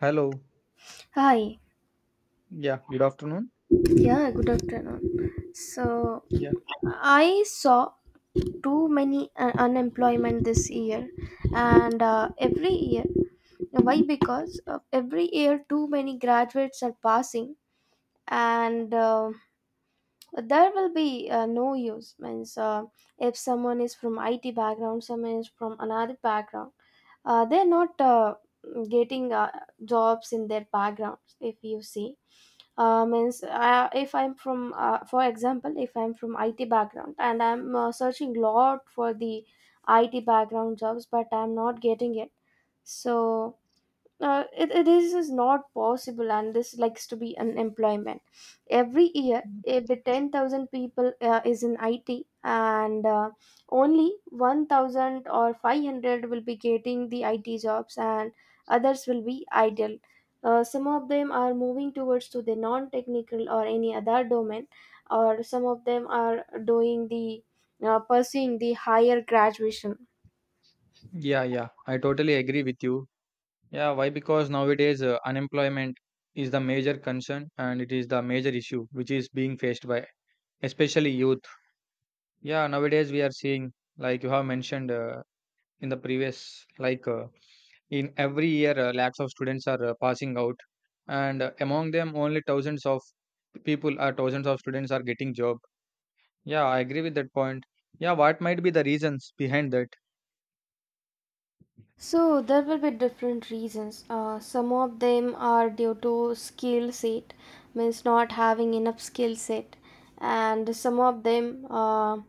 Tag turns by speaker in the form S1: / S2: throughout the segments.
S1: Hello.
S2: Hi.
S1: Yeah, good afternoon.
S2: Yeah, good afternoon. So,
S1: Yeah.
S2: I saw too many unemployment this year, and every year. Why? Because every year too many graduates are passing, and there will be no use. Means if someone is from IT background, someone is from another background, they're not getting jobs in their backgrounds. If you see means if I'm from for example if I'm from IT background and I'm searching lot for the IT background jobs but I'm not getting it. So it is not possible and this likes to be unemployment every year the 10,000 people is in it, and only 1000 or 500 will be getting the IT jobs and others will be idle. Some of them are moving towards to the non-technical or any other domain, or some of them are doing the pursuing the higher graduation.
S1: Yeah, yeah. I totally agree with you. Yeah, why? Because nowadays unemployment is the major concern, and it is the major issue which is being faced by especially youth. Yeah, nowadays we are seeing like you have mentioned, in the previous, in every year lakhs of students are passing out, and among them only thousands of people or thousands of students are getting job. Yeah, I agree with that point. Yeah, what might be the reasons behind that?
S2: So there will be different reasons. Some of them are due to skill set, means not having enough skill set, and some of them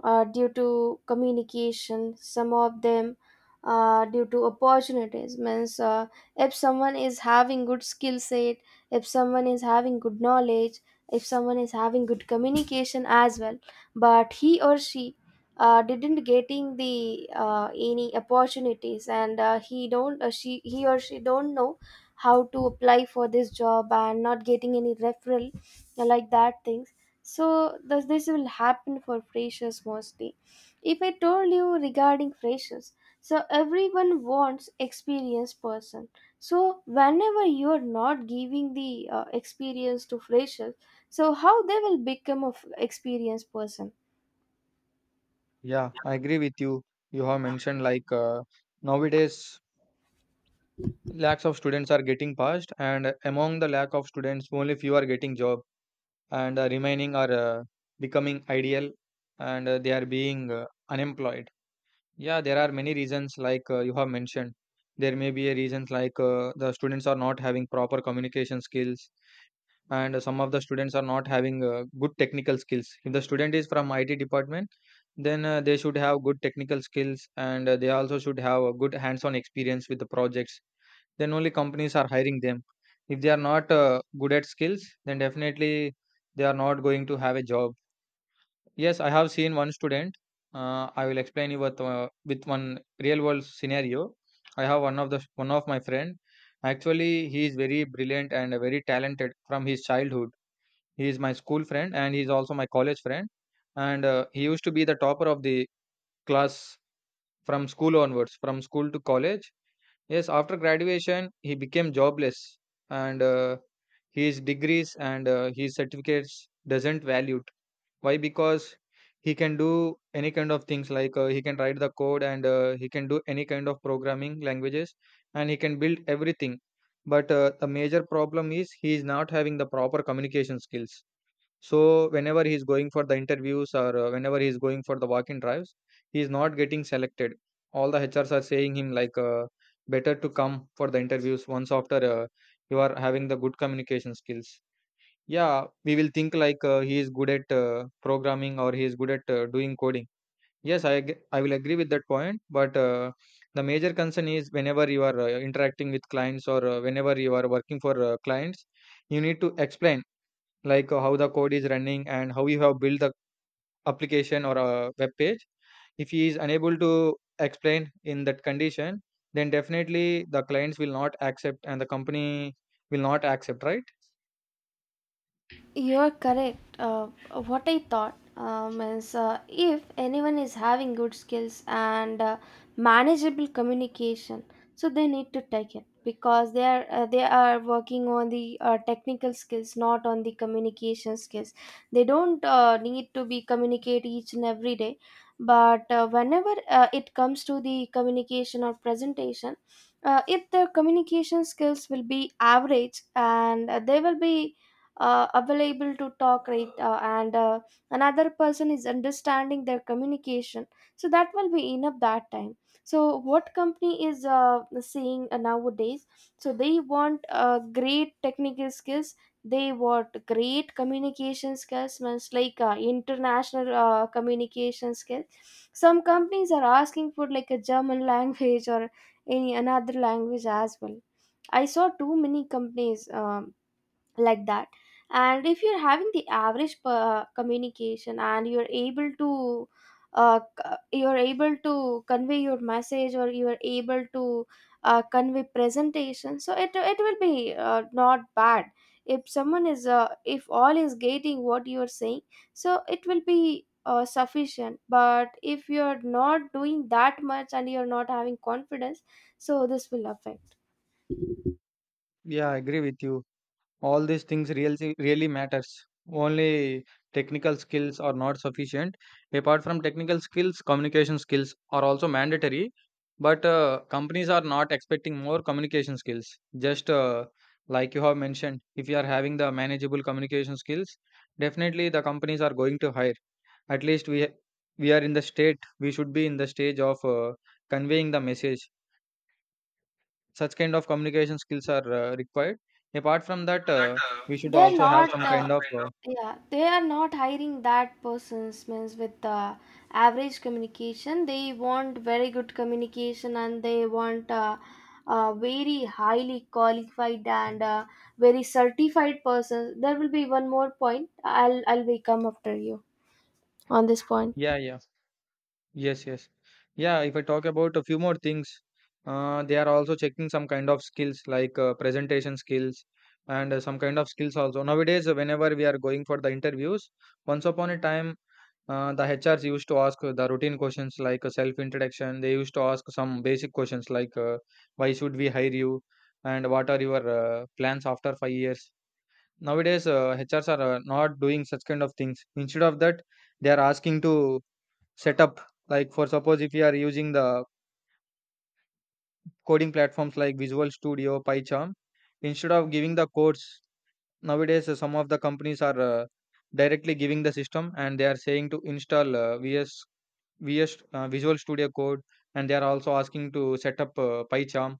S2: are due to communication. Some of them are due to opportunities, means if someone is having good skill set, if someone is having good knowledge, if someone is having good communication as well, but he or she didn't getting the any opportunities, and he or she don't know how to apply for this job and not getting any referral, like that things. So this will happen for freshers mostly. If I told you regarding freshers, so everyone wants experienced person. So whenever you are not giving the experience to freshers, so how they will become a experienced person?
S1: Yeah, I agree with you. You have mentioned like, nowadays lakhs of students are getting passed, and among the lack of students, only few are getting job, and remaining are becoming ideal, and they are being unemployed. Yeah, there are many reasons like, you have mentioned. There may be a reasons like, the students are not having proper communication skills, and some of the students are not having good technical skills. If the student is from IT department, then they should have good technical skills, and they also should have a good hands on experience with the projects. Then only companies are hiring them. If they are not good at skills, then definitely they are not going to have a job. Yes, I have seen one student. I will explain you with one real world scenario. I have one of my friend. Actually, he is very brilliant and very talented from his childhood. He is my school friend and he's also my college friend. And he used to be the topper of the class from school onwards, from school to college. Yes, after graduation, he became jobless, and his degrees and his certificates doesn't valued. Why? Because he can do any kind of things like, he can write the code, and he can do any kind of programming languages, and he can build everything. But the major problem is he is not having the proper communication skills. So whenever he's going for the interviews, or whenever he's going for the walk-in drives, he's not getting selected. All the HRs are saying him like, better to come for the interviews once after you are having the good communication skills. Yeah, we will think like, he is good at programming, or he is good at doing coding. Yes, I will agree with that point, but the major concern is whenever you are interacting with clients, or whenever you are working for clients, you need to explain like, how the code is running and how you have built the application or a web page. If he is unable to explain in that condition, then definitely the clients will not accept and the company will not accept, right?
S2: You're correct. What I thought is if anyone is having good skills and manageable communication, so they need to take it because they are working on the technical skills, not on the communication skills. They don't need to be communicate each and every day, but whenever it comes to the communication or presentation, if their communication skills will be average, and they will be available to talk right, and another person is understanding their communication, so that will be enough that time. So what company is seeing nowadays, so they want great technical skills, they want great communication skills, means like international communication skills. Some companies are asking for like a German language or any another language as well. I saw too many companies like that. And if you're having the average per communication and you're able to you're able to convey your message, or you are able to convey presentation, so it will be not bad. If someone is if all is getting what you are saying, so it will be sufficient. But if you're not doing that much and you're not having confidence, so this will affect
S1: Yeah, I agree with you. All these things really really matters. Only technical skills are not sufficient. Apart from technical skills, communication skills are also mandatory, but companies are not expecting more communication skills, just like you have mentioned. If you are having the manageable communication skills, definitely the companies are going to hire. At least we are in the state, we should be in the stage of conveying the message. Such kind of communication skills are required. Apart from that,
S2: that.
S1: we
S2: We
S1: should
S2: they're should
S1: also
S2: also
S1: have
S2: not
S1: some
S2: have
S1: kind
S2: some
S1: of
S2: kind of, yeah, they are not hiring that persons means with average communication. They want very good communication, and they want very highly qualified and very certified persons. There will be one more point. I'll be come after you on this point.
S1: yeah, yeah, yes, yes, yeah. If I talk about a few more things, they are also checking some kind of skills like presentation skills, and some kind of skills also. Nowadays, whenever we are going for the interviews, once upon a time. The HRs used to ask the routine questions like, self introduction. They used to ask some basic questions like, why should we hire you, and what are your plans after 5 years. Nowadays hrs are not doing such kind of things. Instead of that, they are asking to set up. Like for suppose if you are using the coding platforms like visual studio, pycharm, instead of giving the codes, nowadays some of the companies are directly giving the system, and they are saying to install vs visual studio code, and they are also asking to set up pycharm,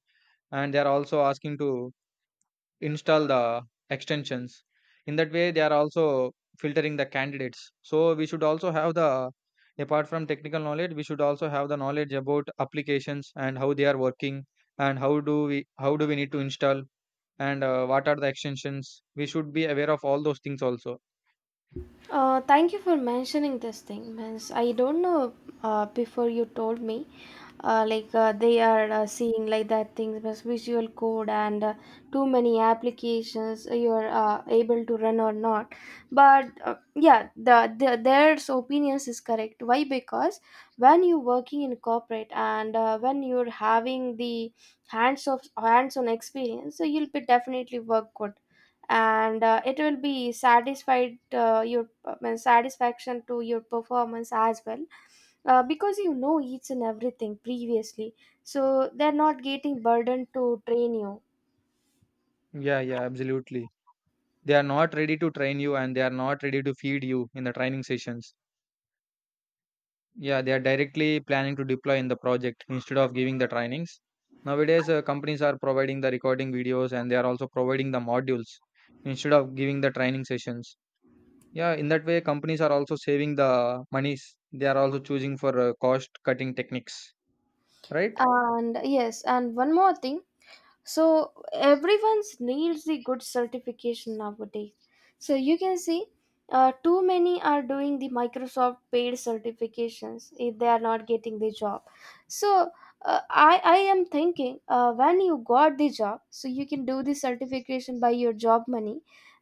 S1: and they are also asking to install the extensions. In that way they are also filtering the candidates. So we should also have the, apart from technical knowledge, we should also have the knowledge about applications and how they are working, and how do we need to install, and what are the extensions we should be aware of, all those things also.
S2: Thank you for mentioning this thing, means I don't know. Before you told me, like they are seeing like that things means Visual Code, and too many applications you are able to run or not. But yeah, the their opinions is correct. Why? Because when you're working in corporate and when you're having the hands-on experience, so you'll be definitely work good, and it will be satisfied your satisfaction to your performance as well, because you know each and everything previously, so they're not getting burdened to train you.
S1: Yeah, yeah, absolutely. They are not ready to train you, and they are not ready to feed you in the training sessions. Yeah, they are directly planning to deploy in the project instead of giving the trainings. Nowadays, companies are providing the recording videos, and they are also providing the modules instead of giving the training sessions. Yeah, in that way, companies are also saving the monies. They are also choosing for cost cutting techniques, right?
S2: And yes, and one more thing, so everyone's needs the good certification nowadays. So you can see too many are doing the Microsoft paid certifications if they are not getting the job. So I am thinking when you got the job, so you can do the certification by your job money.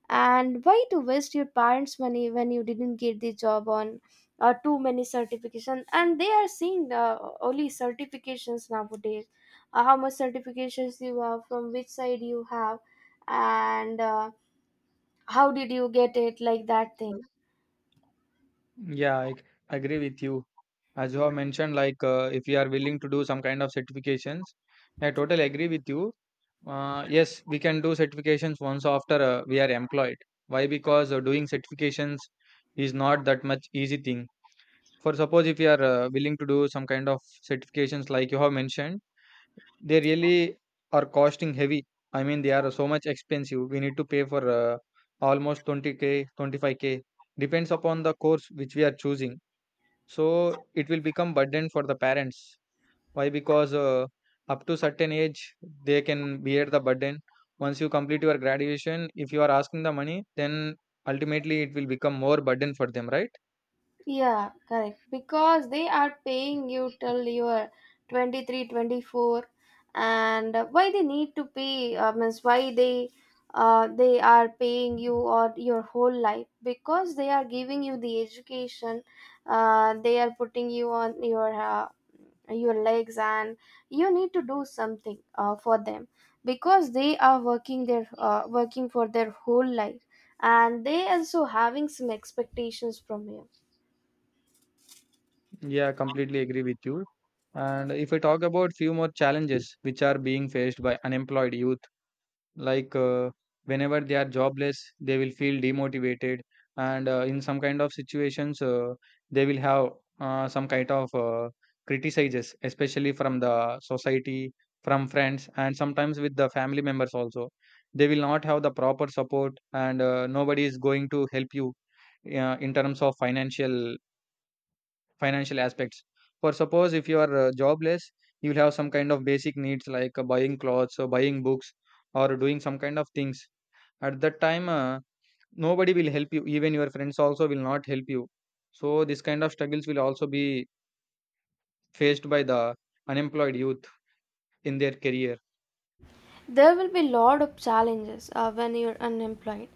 S2: And why to waste your parents money when you didn't get the job on too many certification? And they are seeing only certifications nowadays, how much certifications you have, from which side you have, and how did you get it, like that thing.
S1: Yeah, agree with you. As you have mentioned, like, if you are willing to do some kind of certifications, I totally agree with you. Yes, we can do certifications once after we are employed. Why? Because doing certifications is not that much easy thing. For suppose if you are willing to do some kind of certifications like you have mentioned, they really are costing heavy. I mean, they are so much expensive. We need to pay for almost 20k, 25k. Depends upon the course which we are choosing. So it will become burden for the parents. Why? Because up to certain age, they can bear the burden. Once you complete your graduation, if you are asking the money, then ultimately it will become more burden for them, right?
S2: Yeah, correct. Because they are paying you till you are 23, 24, and why they need to pay means why they are paying you or your whole life, because they are giving you the education, they are putting you on your legs, and you need to do something for them, because they are working their working for their whole life, and they also having some expectations from you.
S1: Yeah, completely agree with you. And if I talk about few more challenges which are being faced by unemployed youth, like, whenever they are jobless they will feel demotivated, and in some kind of situations they will have some kind of criticizes, especially from the society, from friends, and sometimes with the family members also. They will not have the proper support, and nobody is going to help you in terms of financial aspects. For suppose if you are jobless, you will have some kind of basic needs like, buying clothes, or buying books, or doing some kind of things. At that time, nobody will help you. Even your friends also will not help you. So this kind of struggles will also be faced by the unemployed youth in their career.
S2: There will be lot of challenges when you're unemployed.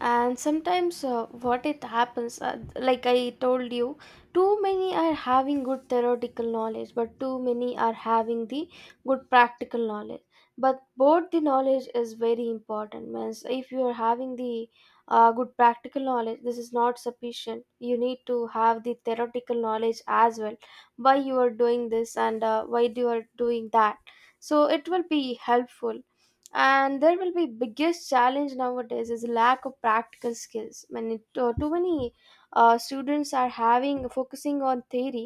S2: And sometimes what it happens, like I told you, too many are having good theoretical knowledge, but too many are having the good practical knowledge. But both the knowledge is very important. Means if you are having the good practical knowledge, this is not sufficient. You need to have the theoretical knowledge as well. Why you are doing this, and why you are doing that, so it will be helpful. And there will be biggest challenge nowadays is lack of practical skills. When it, too too many students are having focusing on theory,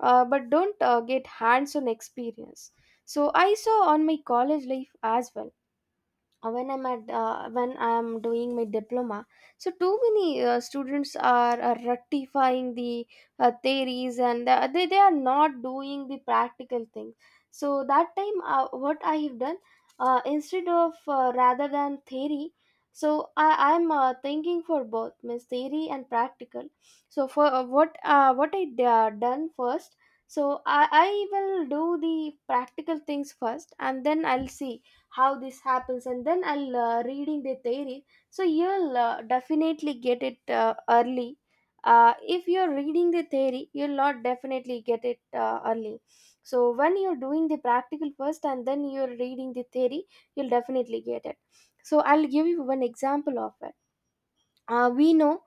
S2: but don't get hands on experience. So I saw on my college life as well, when I'm at when I'm doing my diploma, so too many students are rectifying the theories, and they are not doing the practical things. So that time what I have done, instead of rather than theory, so I'm thinking for both, means theory and practical. So for what I done first, so I will do the practical things first, and then I'll see how this happens, and then I'll reading the theory. So you'll definitely get it early. If you're reading the theory, you'll not definitely get it early. So when you're doing the practical first, and then you're reading the theory, you'll definitely get it. So I'll give you one example of it. We know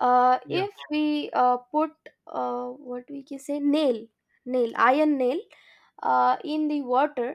S1: Yeah,
S2: if we put what we can say nail nail iron nail in the water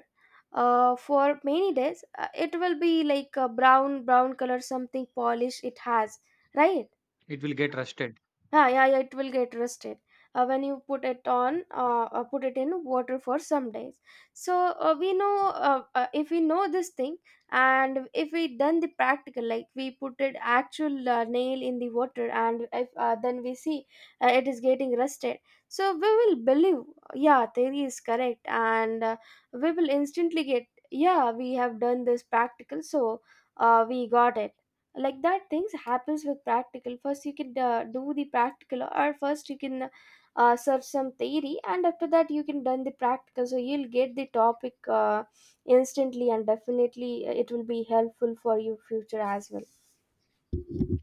S2: for many days, it will be like a brown color something polish it has, right?
S1: it will get rusted.
S2: Yeah, yeah, yeah, it will get rusted when you put it on, put it in water for some days. So we know if we know this thing, and if we done the practical, like we put it actual nail in the water, and if then we see it is getting rusted, so we will believe, yeah, theory is correct, and we will instantly get, yeah, we have done this practical, so we got it. Like that things happens. With practical first, you can do the practical, or first you can search some theory, and after that you can done the practical, so you'll get the topic instantly, and definitely it will be helpful for your future as well.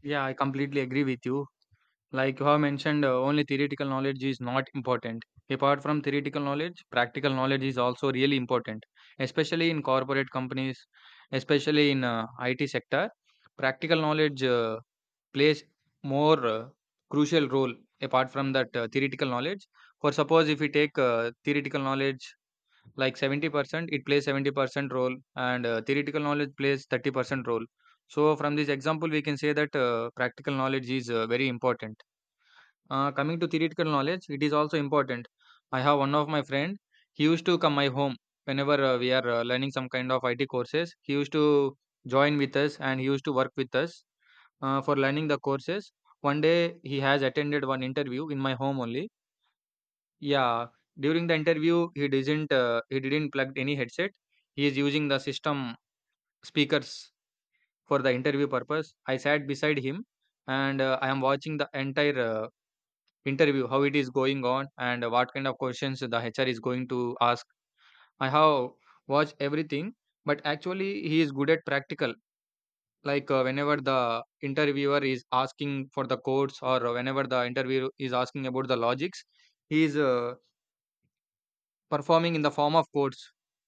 S1: Yeah, I completely agree with you. Like you have mentioned, only theoretical knowledge is not important. Apart from theoretical knowledge, practical knowledge is also really important, especially in corporate companies, especially in IT sector. Practical knowledge plays more crucial role apart from that theoretical knowledge. For suppose if we take theoretical knowledge, like 70%, it plays 70% role, and theoretical knowledge plays 30% role. So from this example we can say that practical knowledge is very important. Coming to theoretical knowledge, it is also important. I have one of my friend. He used to come my home whenever we are learning some kind of IT courses. He used to join with us and he used to work with us for learning the courses. One day he has attended one interview in my home only. Yeah, during the interview he didn't plug any headset. He is using the system speakers for the interview purpose. I sat beside him and I am watching the entire interview, how it is going on and what kind of questions the HR is going to ask. I have watched everything, but actually he is good at practical. Like whenever the interviewer is asking for the codes, or whenever the interviewer is asking about the logics, he is performing in the form of codes.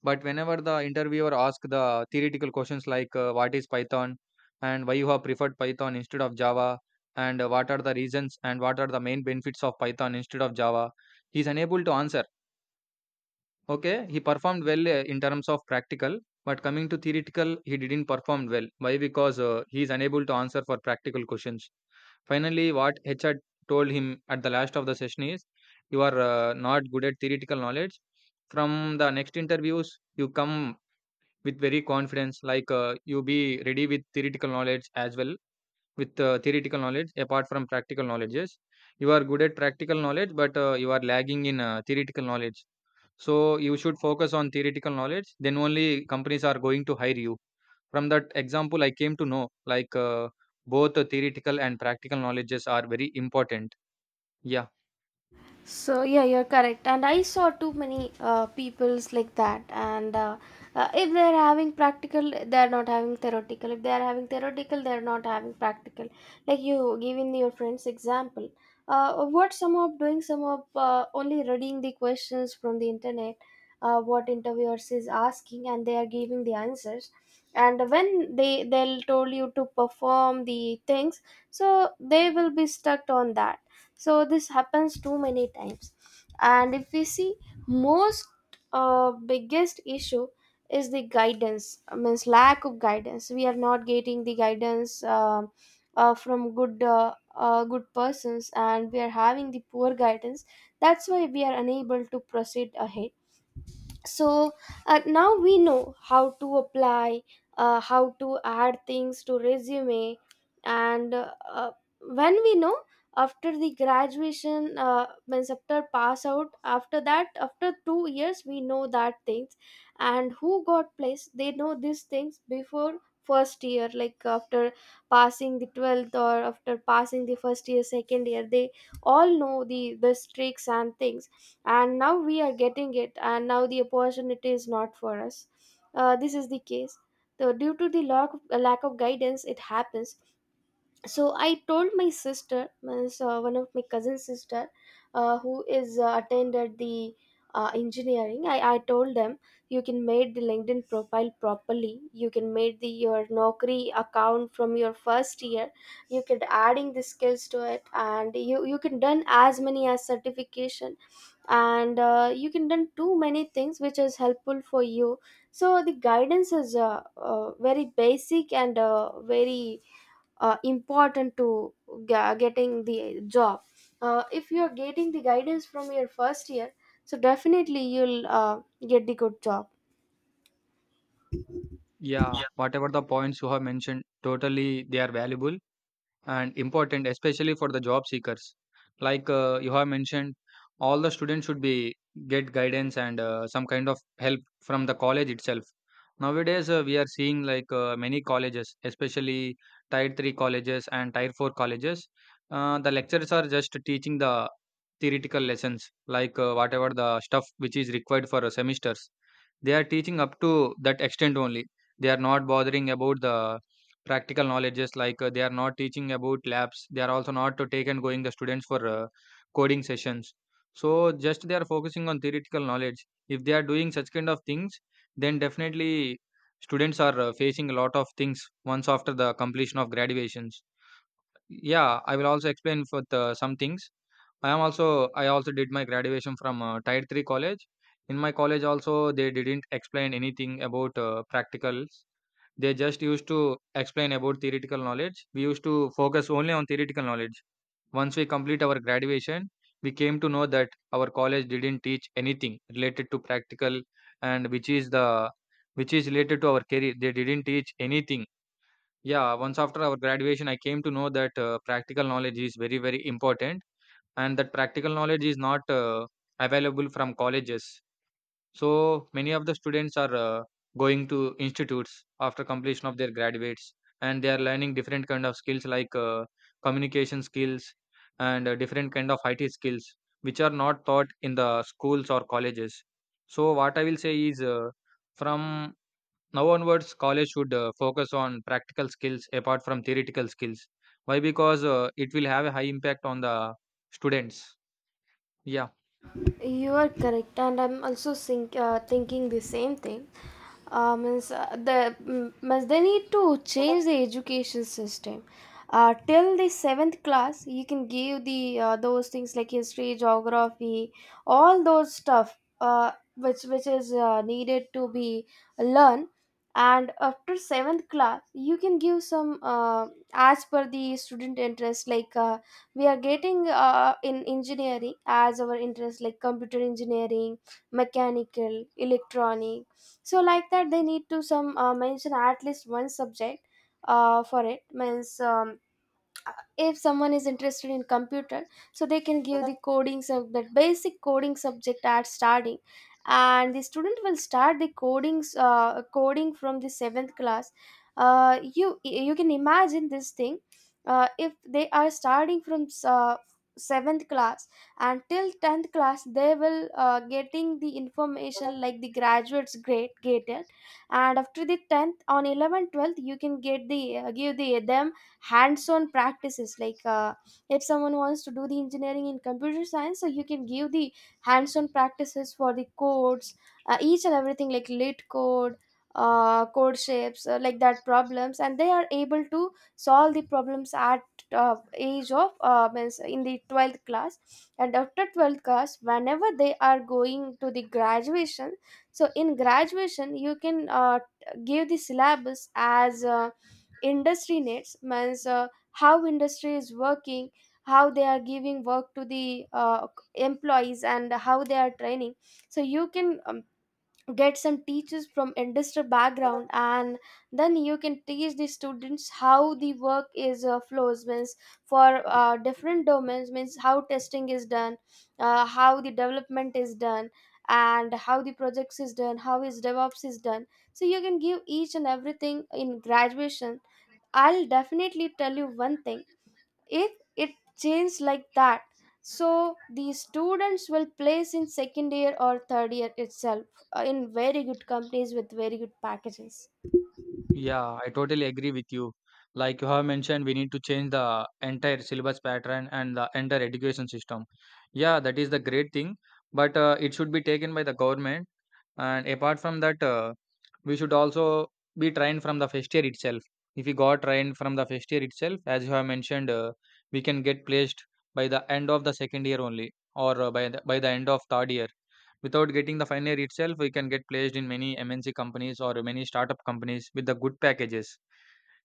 S1: But whenever the interviewer asks the theoretical questions, like what is python and why you have preferred python instead of java, and what are the reasons and what are the main benefits of python instead of java, he is unable to answer. Okay, he performed well in terms of practical, but coming to theoretical, he didn't perform well. Why? Because he is unable to answer for practical questions. Finally, what HR told him at the last of the session is, you are not good at theoretical knowledge. From the next interviews, you come with very confidence, like you be ready with theoretical knowledge as well, with theoretical knowledge apart from practical knowledges. You are good at practical knowledge, but you are lagging in theoretical knowledge. So you should focus on theoretical knowledge. Then only companies are going to hire you. From that example, I came to know, like both the theoretical and practical knowledges are very important. Yeah.
S2: So yeah, you're correct, and I saw too many people's like that. And if they're having practical, they're not having theoretical. If they're having theoretical, they're not having practical. Like you giving your friends example, what some of doing, some of only reading the questions from the internet, what interviewers is asking, and they are giving the answers. And when they'll told you to perform the things, so they will be stuck on that. So this happens too many times. And if we see, most biggest issue is the guidance, means lack of guidance. We are not getting the guidance from good good persons, and we are having the poor guidance. That's why we are unable to proceed ahead. So now we know how to apply, how to add things to resume. And when we know after the graduation, means after pass out after that, after 2 years we know that things. And who got placed, they know these things before first year, like after passing the 12th or after passing the first year second year. They all know the tricks and things. And now we are getting it, and now the opportunity is not for us. This is the case. So due to the lack of guidance it happens. So I told my sister, means, one of my cousin sister who is attended the engineering. I told them, you can make the LinkedIn profile properly, you can make the your Naukri account from your first year, you can adding the skills to it, and you can done as many as certification, and you can done too many things which is helpful for you. So the guidance is very basic and very important to getting the job. If you are getting the guidance from your first year, so definitely you'll get the good job.
S1: Yeah, whatever the points you have mentioned, totally they are valuable and important, especially for the job seekers. Like you have mentioned, all the students should be get guidance and some kind of help from the college itself. Nowadays we are seeing, like many colleges, especially tier 3 colleges and tier 4 colleges, the lecturers are just teaching the theoretical lessons, like whatever the stuff which is required for semesters, they are teaching up to that extent only. They are not bothering about the practical knowledges. Like they are not teaching about labs. They are also not to take and going the students for coding sessions. So just they are focusing on theoretical knowledge. If they are doing such kind of things, then definitely students are facing a lot of things once after the completion of graduations. Yeah, I will also explain some things. I also did my graduation from tier 3 college. In my college also, they didn't explain anything about practicals. They just used to explain about theoretical knowledge. We used to focus only on theoretical knowledge. Once we complete our graduation, we came to know that our college didn't teach anything related to practical, and which is related to our career, they didn't teach anything. Yeah, once after our graduation, I came to know that practical knowledge is very, very important, and that practical knowledge is not available from colleges. So many of the students are going to institutes after completion of their graduates, and they are learning different kind of skills, like communication skills and different kind of IT skills, which are not taught in the schools or colleges. So what I will say is, from now onwards college should focus on practical skills apart from theoretical skills. Why? Because it will have a high impact on the students. Yeah.
S2: You are correct, and I'm also thinking the same thing. Means the means they need to change the education system. Till the seventh class, you can give the those things like history, geography, all those stuff, which is needed to be learned. And after seventh class, you can give some as per the student interest, like. We are getting in engineering as our interest, like computer engineering, mechanical, electronic. So like that, they need to some mention at least one subject for it, means if someone is interested in computer, so they can give the coding sub, that basic coding subject at starting. And the student will start the coding from the seventh class. You can imagine this thing. If they are starting from seventh class and till 10th class, they will getting the information like the graduates grade gated. And after the 10th, on 11th 12th, you can get the give the them hands-on practices, like if someone wants to do the engineering in computer science, so you can give the hands-on practices for the codes, each and everything like lit code, code shapes, like that problems, and they are able to solve the problems at age of means in the 12th class. And after 12th class, whenever they are going to the graduation, so in graduation you can give the syllabus as industry needs, means how industry is working, how they are giving work to the employees, and how they are training. So you can get some teachers from industry background, and then you can teach the students how the work is flows, means for different domains, means how testing is done, how the development is done, and how the projects is done, how is DevOps is done. So you can give each and everything in graduation. I'll definitely tell you one thing. If it changes like that, so the students will place in second year or third year itself, in very good companies with very good packages.
S1: Yeah, I totally agree with you. Like you have mentioned, we need to change the entire syllabus pattern and the entire education system. Yeah, that is the great thing, but it should be taken by the government. And apart from that, we should also be trained from the first year itself. If we got trained from the first year itself, as you have mentioned, we can get placed by the end of the second year only, or by the end of third year. Without getting the final year itself, we can get placed in many MNC companies or many startup companies with the good packages.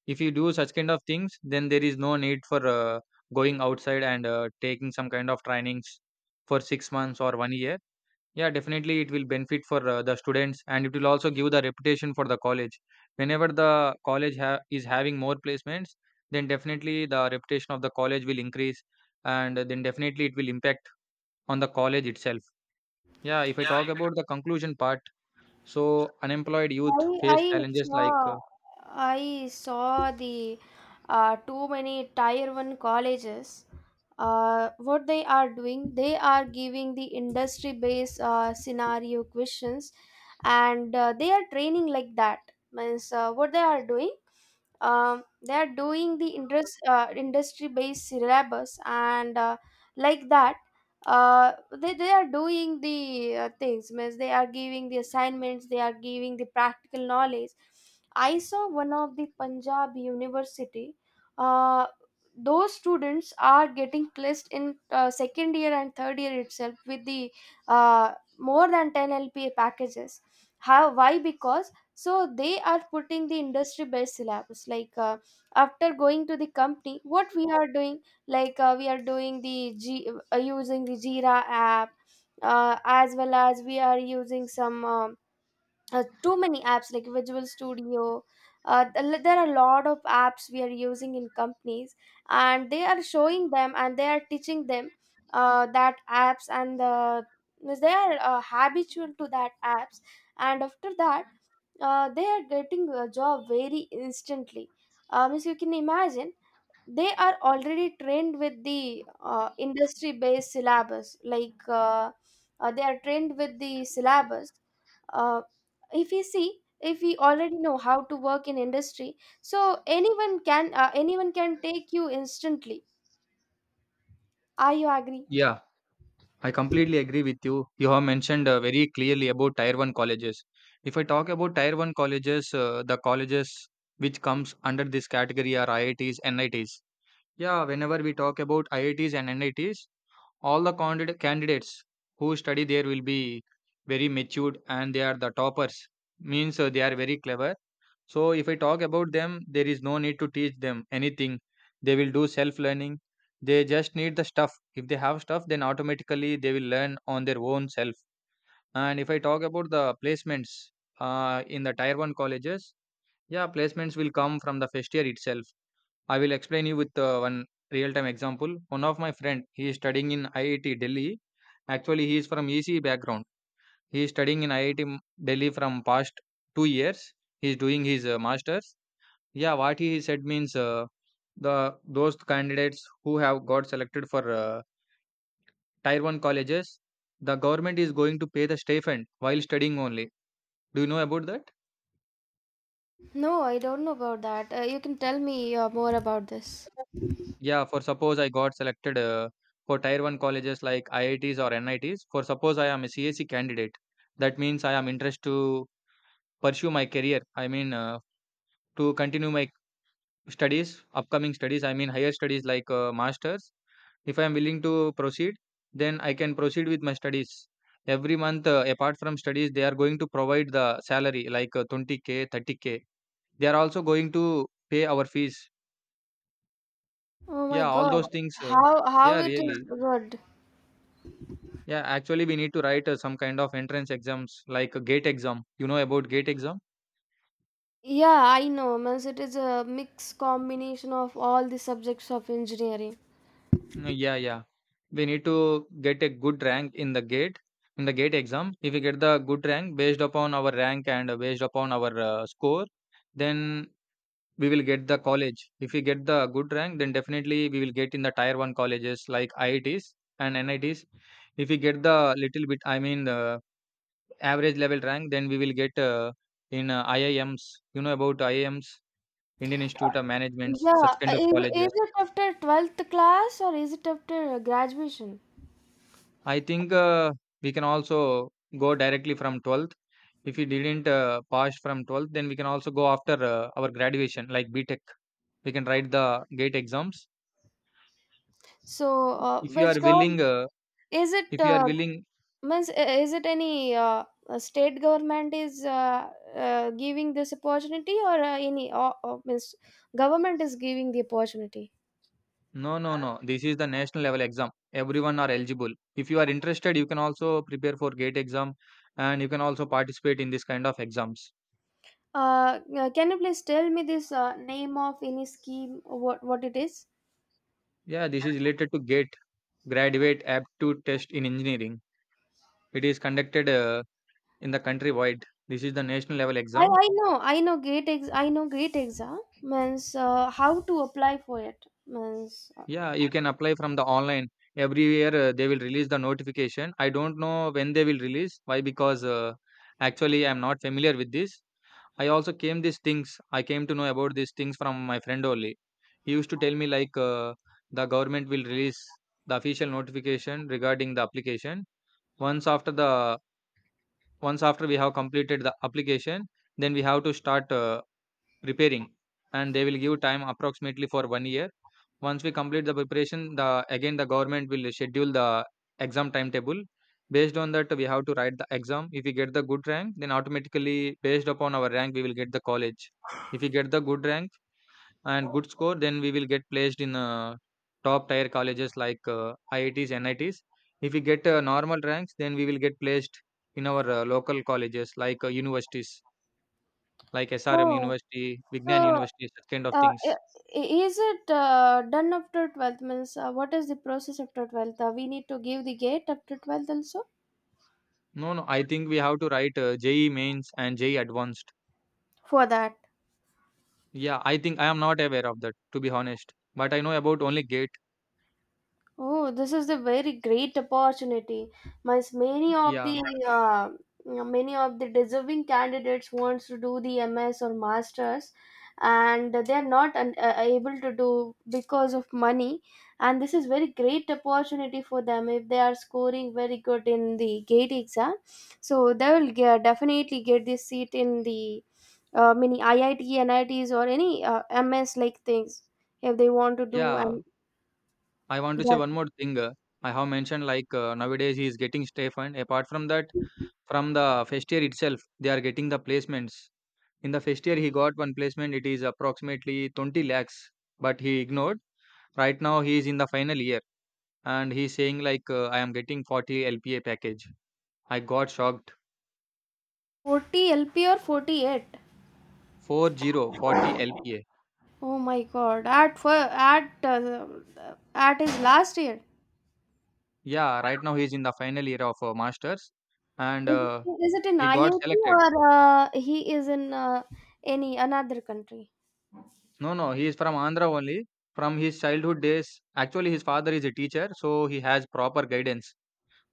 S1: If you do such kind of things, then there is no need for going outside and taking some kind of trainings for 6 months or one year. Yeah, definitely it will benefit for the students, and it will also give the reputation for the college. Whenever the college is having more placements, then definitely the reputation of the college will increase, and then definitely it will impact on the college itself. Yeah, if I talk about the conclusion part, so unemployed youth
S2: I
S1: face
S2: I
S1: challenges like
S2: saw I saw the too many tier one colleges. What they are doing, they are giving the industry based scenario questions, and they are training like that. Means what they are doing the interest industry based syllabus and like that, uh, they are doing the things, means they are giving the assignments, they are giving the practical knowledge. I saw one of the Punjab University. uh, those students are getting placed in second year and third year itself with the more than 10 lpa packages. How why? Because so they are putting the industry based syllabus, like after going to the company what we are doing, like we are doing the using the Jira app, as well as we are using some too many apps like Visual Studio, there are a lot of apps we are using in companies, and they are showing them and they are teaching them that apps, and they are habitual to that apps. And after that, they are getting a job very instantly. As you can imagine, they are already trained with the industry based syllabus. Like they are trained with the syllabus. Uh, if we see, if we already know how to work in industry, so anyone can take you instantly. Are you agree?
S1: yeah, I completely agree with you. You have mentioned very clearly about tier 1 colleges. If I talk about tier 1 colleges, the colleges which comes under this category are IITs, NITs. Yeah, whenever we talk about IITs and NITs, all the candidates who study there will be very matured, and they are the toppers. Means they are very clever. So if I talk about them, there is no need to teach them anything. They will do self learning. They just need the stuff. If they have stuff, then automatically they will learn on their own self. And if I talk about the placements in the tier one colleges, yeah, placements will come from the first year itself. I will explain you with one real time example. One of my friend, he is studying in IIT Delhi. Actually, he is from ECE background. He is studying in IIT Delhi from past 2 years. He is doing his master's. Yeah, what he said means the those candidates who have got selected for tier one colleges, the government is going to pay the stipend while studying only. Do you know about that?
S2: No, I don't know about that. You can tell me more about this.
S1: Yeah, for suppose I got selected for tier one colleges like IITs or NITs. For suppose I am a CAC candidate, that means I am interested to pursue my career. I mean to continue my studies, upcoming studies. I mean higher studies, like masters. If I am willing to proceed, then I can proceed with my studies. Every month, apart from studies, they are going to provide the salary, like 20K, 30K. They are also going to pay our fees.
S2: Oh my
S1: Yeah, all
S2: God,
S1: those things.
S2: how
S1: Yeah,
S2: it is
S1: really.
S2: good.
S1: Yeah, actually, we need to write some kind of entrance exams like a gate exam. You know about gate exam?
S2: Yeah, I know. Means it is a mixed combination of all the subjects of engineering.
S1: Mm, yeah, yeah. We need to get a good rank in the gate exam. If we get the good rank based upon our rank and based upon our score, then we will get the college. If we get the good rank, then definitely we will get in the tier one colleges like IITs and NITs. If we get the little bit, I mean, average level rank, then we will get in IIMs. You know about IIMs, Indian Institute of Management, such kind
S2: Yeah,
S1: of
S2: is
S1: colleges.
S2: it after 12th class or is it after graduation?
S1: I think we can also go directly from 12th. If we didn't pass from 12th, then we can also go after our graduation, like B Tech. We can write the gate exams.
S2: So,
S1: If you
S2: which
S1: are
S2: gov
S1: willing,
S2: is it
S1: if you are willing,
S2: means is it any state government is giving this opportunity, or any means government is giving the opportunity?
S1: no, no, no. This is the national level exam. Everyone are eligible. If you are interested, you can also prepare for GATE exam, and you can also participate in this kind of exams.
S2: Can you please tell me this name of any scheme? What it is?
S1: Yeah, this is related to GATE, Graduate Aptitude Test in Engineering. It is conducted in the country wide. This is the national level exam.
S2: I know great exam, means how to apply for it, means
S1: Yeah, you can apply from the online. Every year they will release the notification. I don't know when they will release. Why? Because actually I am not familiar with this. I also came these things. I came to know about these things from my friend only. He used to tell me like the government will release the official notification regarding the application. Once after the once after we have completed the application, then we have to start repairing, and they will give time approximately for one year. Once we complete the preparation, the again the government will schedule the exam timetable. Based on that, we have to write the exam. If we get the good rank, then automatically, based upon our rank, we will get the college. If we get the good rank and good score, then we will get placed in top tier colleges like IITs, NITs. If we get normal ranks, then we will get placed in our local colleges, like universities like SRM
S2: oh,
S1: University,
S2: so
S1: Vignan
S2: uh,
S1: University, such kind of things.
S2: i- is it done after 12th, means what is the process after 12th? We need to give the gate after 12th also
S1: No, no, I think we have to write JE mains and JE advanced.
S2: for that.
S1: Yeah, I think I am not aware of that, to be honest. But I know about only GATE.
S2: Oh, this is a very great opportunity. Mas Many of
S1: Yeah,
S2: the uh, deserving candidates wants to do the MS or masters, and they are not able to do because of money. And this is very great opportunity for them if they are scoring very good in the gate exam. So they will definitely get this seat in the mini IIT, NITs, or any MS like things if they want to do
S1: yeah.
S2: and.
S1: I want to say one more thing. I have mentioned like nowadays he is getting safe, and apart from that, from the first year itself, they are getting the placements. In the first year, he got one placement. It is approximately 20 lakhs, but he ignored. Right now, he is in the final year, and he's saying like I am getting 40 lpa package. I got shocked.
S2: 40 LP or 48?
S1: Four zero forty lpa.
S2: Oh my god. At for at At his last year.
S1: Yeah, right now he's in the final year of master's, and
S2: Is, is it in
S1: he got
S2: IIT
S1: selected.
S2: or he is in any another country?
S1: No, no, he is from Andhra only. From his childhood days, actually his father is a teacher, so he has proper guidance.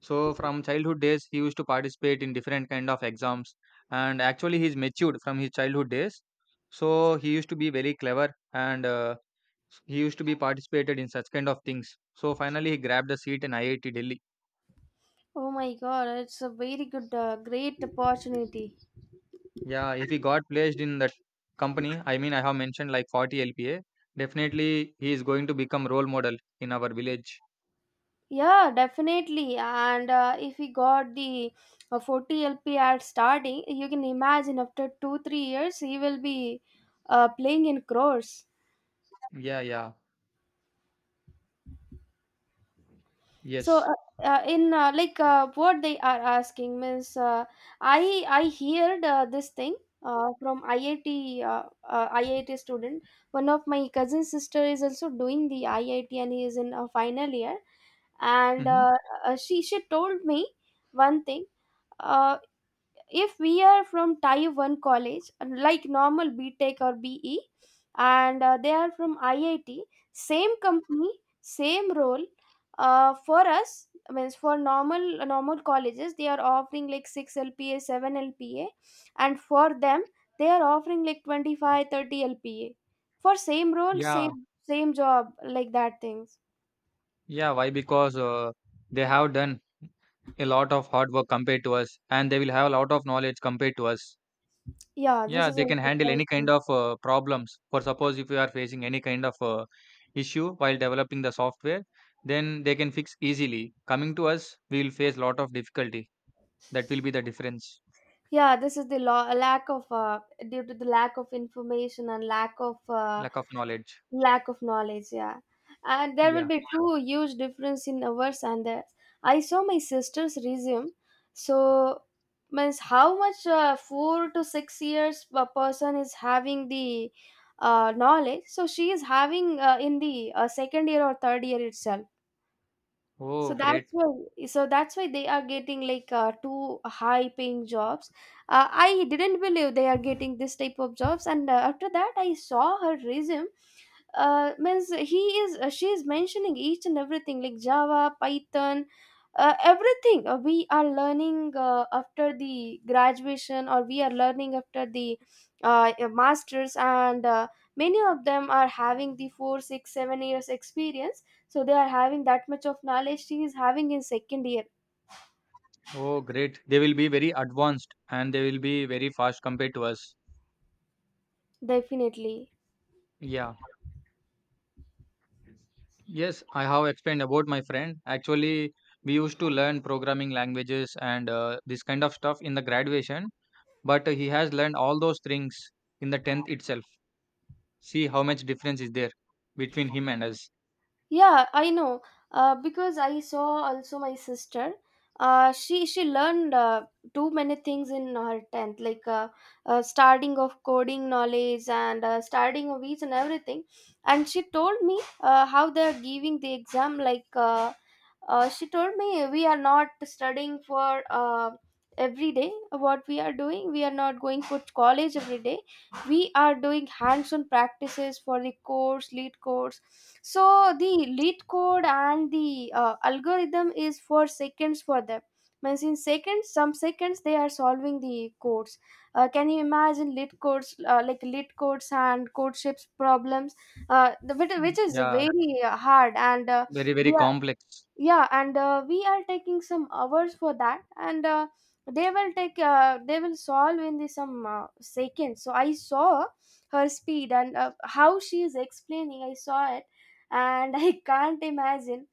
S1: So from childhood days he used to participate in different kind of exams, and actually he's matured from his childhood days. So he used to be very clever, and he used to be participated in such kind of things. So finally, he grabbed a seat in IIT Delhi.
S2: Oh my god, it's a very great opportunity.
S1: Yeah, if he got placed in that company, I mean, I have mentioned like 40 LPA. Definitely, he is going to become role model in our village.
S2: Yeah, definitely. And if he got the 40 LP at starting, you can imagine after 2-3 years he will be playing in crores.
S1: Yeah, yeah,
S2: So
S1: yes.
S2: in like what they are asking, means I heard this thing from IIT, uh, IIT student. One of my cousin sister is also doing the IIT and he is in a final year, and
S1: Hmm.
S2: she told me one thing. Uh, if we are from type 1 college, like normal BTech or BE, and they are from IIT, same company, same role, for us, means for normal colleges they are offering like 6 lpa 7 lpa, and for them they are offering like 25-30 lpa, for same role,
S1: Yeah,
S2: same job, like that things.
S1: yeah. Why? Because they have done a lot of hard work compared to us, and they will have a lot of knowledge compared to us.
S2: Yeah, this
S1: Yeah,
S2: is
S1: they can
S2: also
S1: handle any kind
S2: correct.
S1: of problems. For suppose if you are facing any kind of issue while developing the software, then they can fix easily. Coming to us, we will face lot of difficulty. That will be the difference,
S2: Yeah, this is the lack of due to the lack of information and
S1: lack of knowledge.
S2: lack of knowledge. Yeah, and there will
S1: Yeah.
S2: be two huge difference in ours and theirs. I saw my sister's resume. So means how much 4 to 6 years a person is having the knowledge. So she is having in the second year or third year itself. so
S1: Oh,
S2: that's
S1: great.
S2: why so that's why they are getting like two high paying jobs. I didn't believe they are getting this type of jobs. And after that I saw her resume. Means he is she is mentioning each and everything like Java, Python, everything we are learning after the graduation, or we are learning after the masters, and many of them are having the 4, 6, 7 years experience. So they are having that much of knowledge he is having in second year.
S1: Oh, great. They will be very advanced, and they will be very fast compared to us.
S2: Definitely.
S1: Yeah. Yes, I have explained about my friend. Actually, we used to learn programming languages and this kind of stuff in the graduation, but he has learned all those things in the 10th itself. See how much difference is there between him and us.
S2: Yeah, I know. Because I saw also my sister. She learned too many things in her tenth, like starting of coding knowledge and starting of each and everything. And she told me how they are giving the exam. Like she told me, we are not studying for every day. What we are doing, we are not going for college every day, we are doing hands-on practices for the course lead codes. So the lead code and the algorithm is for seconds for them, means in seconds, some seconds they are solving the codes. Can you imagine lead codes, like lead codes and codeships problems, which
S1: Mm.
S2: which is
S1: Yeah,
S2: very hard, and
S1: very, very
S2: we
S1: complex.
S2: yeah, and we are taking some hours for that. And they will solve in the some seconds. So I saw her speed and how she is explaining. I saw it and I can't imagine.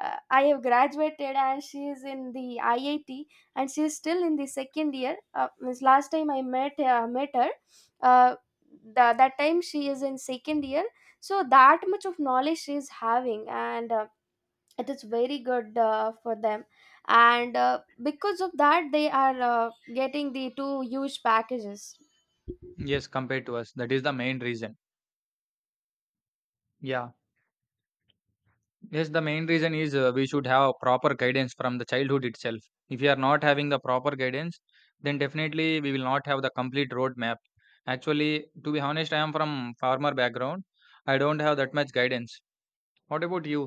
S2: I have graduated and she is in the IIT and she is still in the second year. Means last time I met her, uh, that time she is in second year. So that much of knowledge she is having. And it is very good for them. And because of that they are getting the two huge packages.
S1: Yes, compared to us, that is the main reason. Yeah. Yes, the main reason is we should have proper guidance from the childhood itself. If we are not having the proper guidance, then definitely we will not have the complete roadmap. Actually, to be honest, I am from farmer background. I don't have that much guidance. What about you?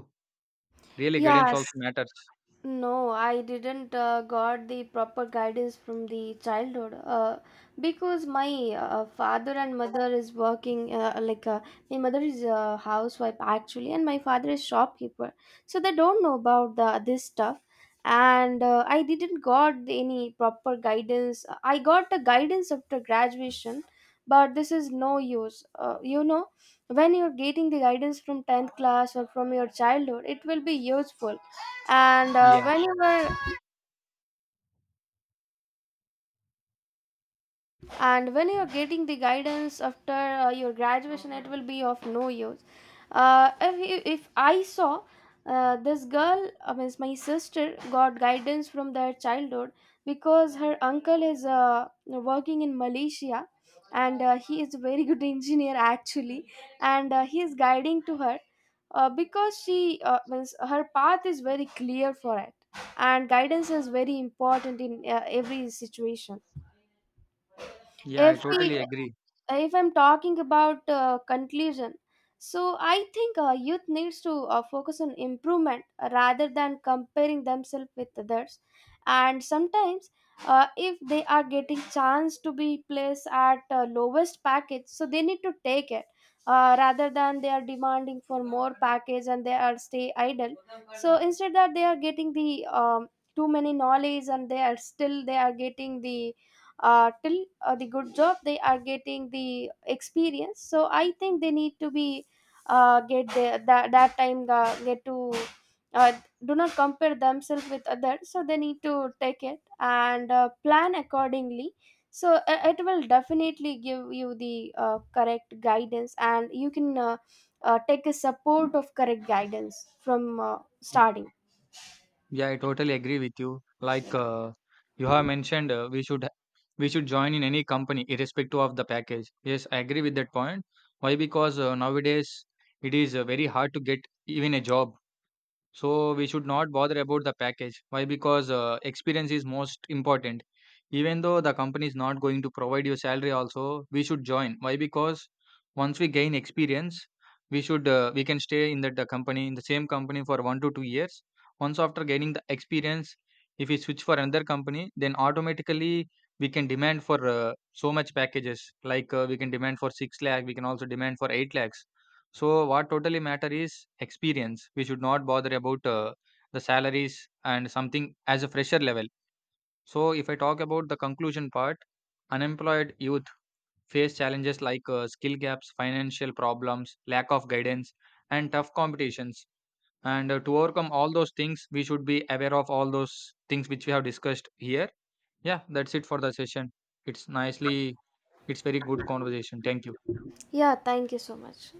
S1: Really, guidance
S2: Yes,
S1: also matters.
S2: no, I didn't got the proper guidance from the childhood, because my father and mother is working, like my mother is a housewife actually, and my father is shopkeeper. So they don't know about the this stuff. And I didn't any proper guidance. I got the guidance after graduation, but this is no use, you know, when you're getting the guidance from 10th class or from your childhood, it will be useful. And
S1: Yeah.
S2: when you were and when you are getting the guidance after your graduation, it will be of no use. If I saw this girl, means my sister got guidance from their childhood, because her uncle is working in Malaysia, and he is a very good engineer actually, and he is guiding to her. Because she means her path is very clear for it, and guidance is very important in every situation.
S1: Yeah, I
S2: if we
S1: totally
S2: uh,
S1: agree.
S2: if I'm talking about conclusion, so I think youth needs to focus on improvement rather than comparing themselves with others. And sometimes if they are getting chance to be placed at lowest package, so they need to take it, rather than they are demanding for more package and they are stay idle. So instead that they are getting the um, too many knowledge, and they are still they are getting the till the good job, they are getting the experience. So I think they need to be that time get to uh, do not compare themselves with others. So they need to take it and plan accordingly. So it will definitely give you the correct guidance, and you can take a support of correct guidance from starting.
S1: Yeah, I totally agree with you. Like you have mentioned, we should join in any company irrespective of the package. Yes, I agree with that point. Why? Because nowadays it is very hard to get even a job. So we should not bother about the package. Why? Because experience is most important. Even though the company is not going to provide you salary, also we should join. Why? Because once we gain experience, we can stay in that company in the same company for 1 to 2 years. Once after gaining the experience, if we switch for another company, then automatically we can demand for so much packages. Like we can demand for 6 lakh, we can also demand for 8 lakhs. So what totally matter is experience. We should not bother about the salaries and something as a fresher level. So if I talk about the conclusion part, unemployed youth face challenges like skill gaps, financial problems, lack of guidance, and tough competitions. And to overcome all those things, we should be aware of all those things which we have discussed here. Yeah, that's it for the session. It's nicely, it's very good conversation. Thank you.
S2: Yeah, thank you so much.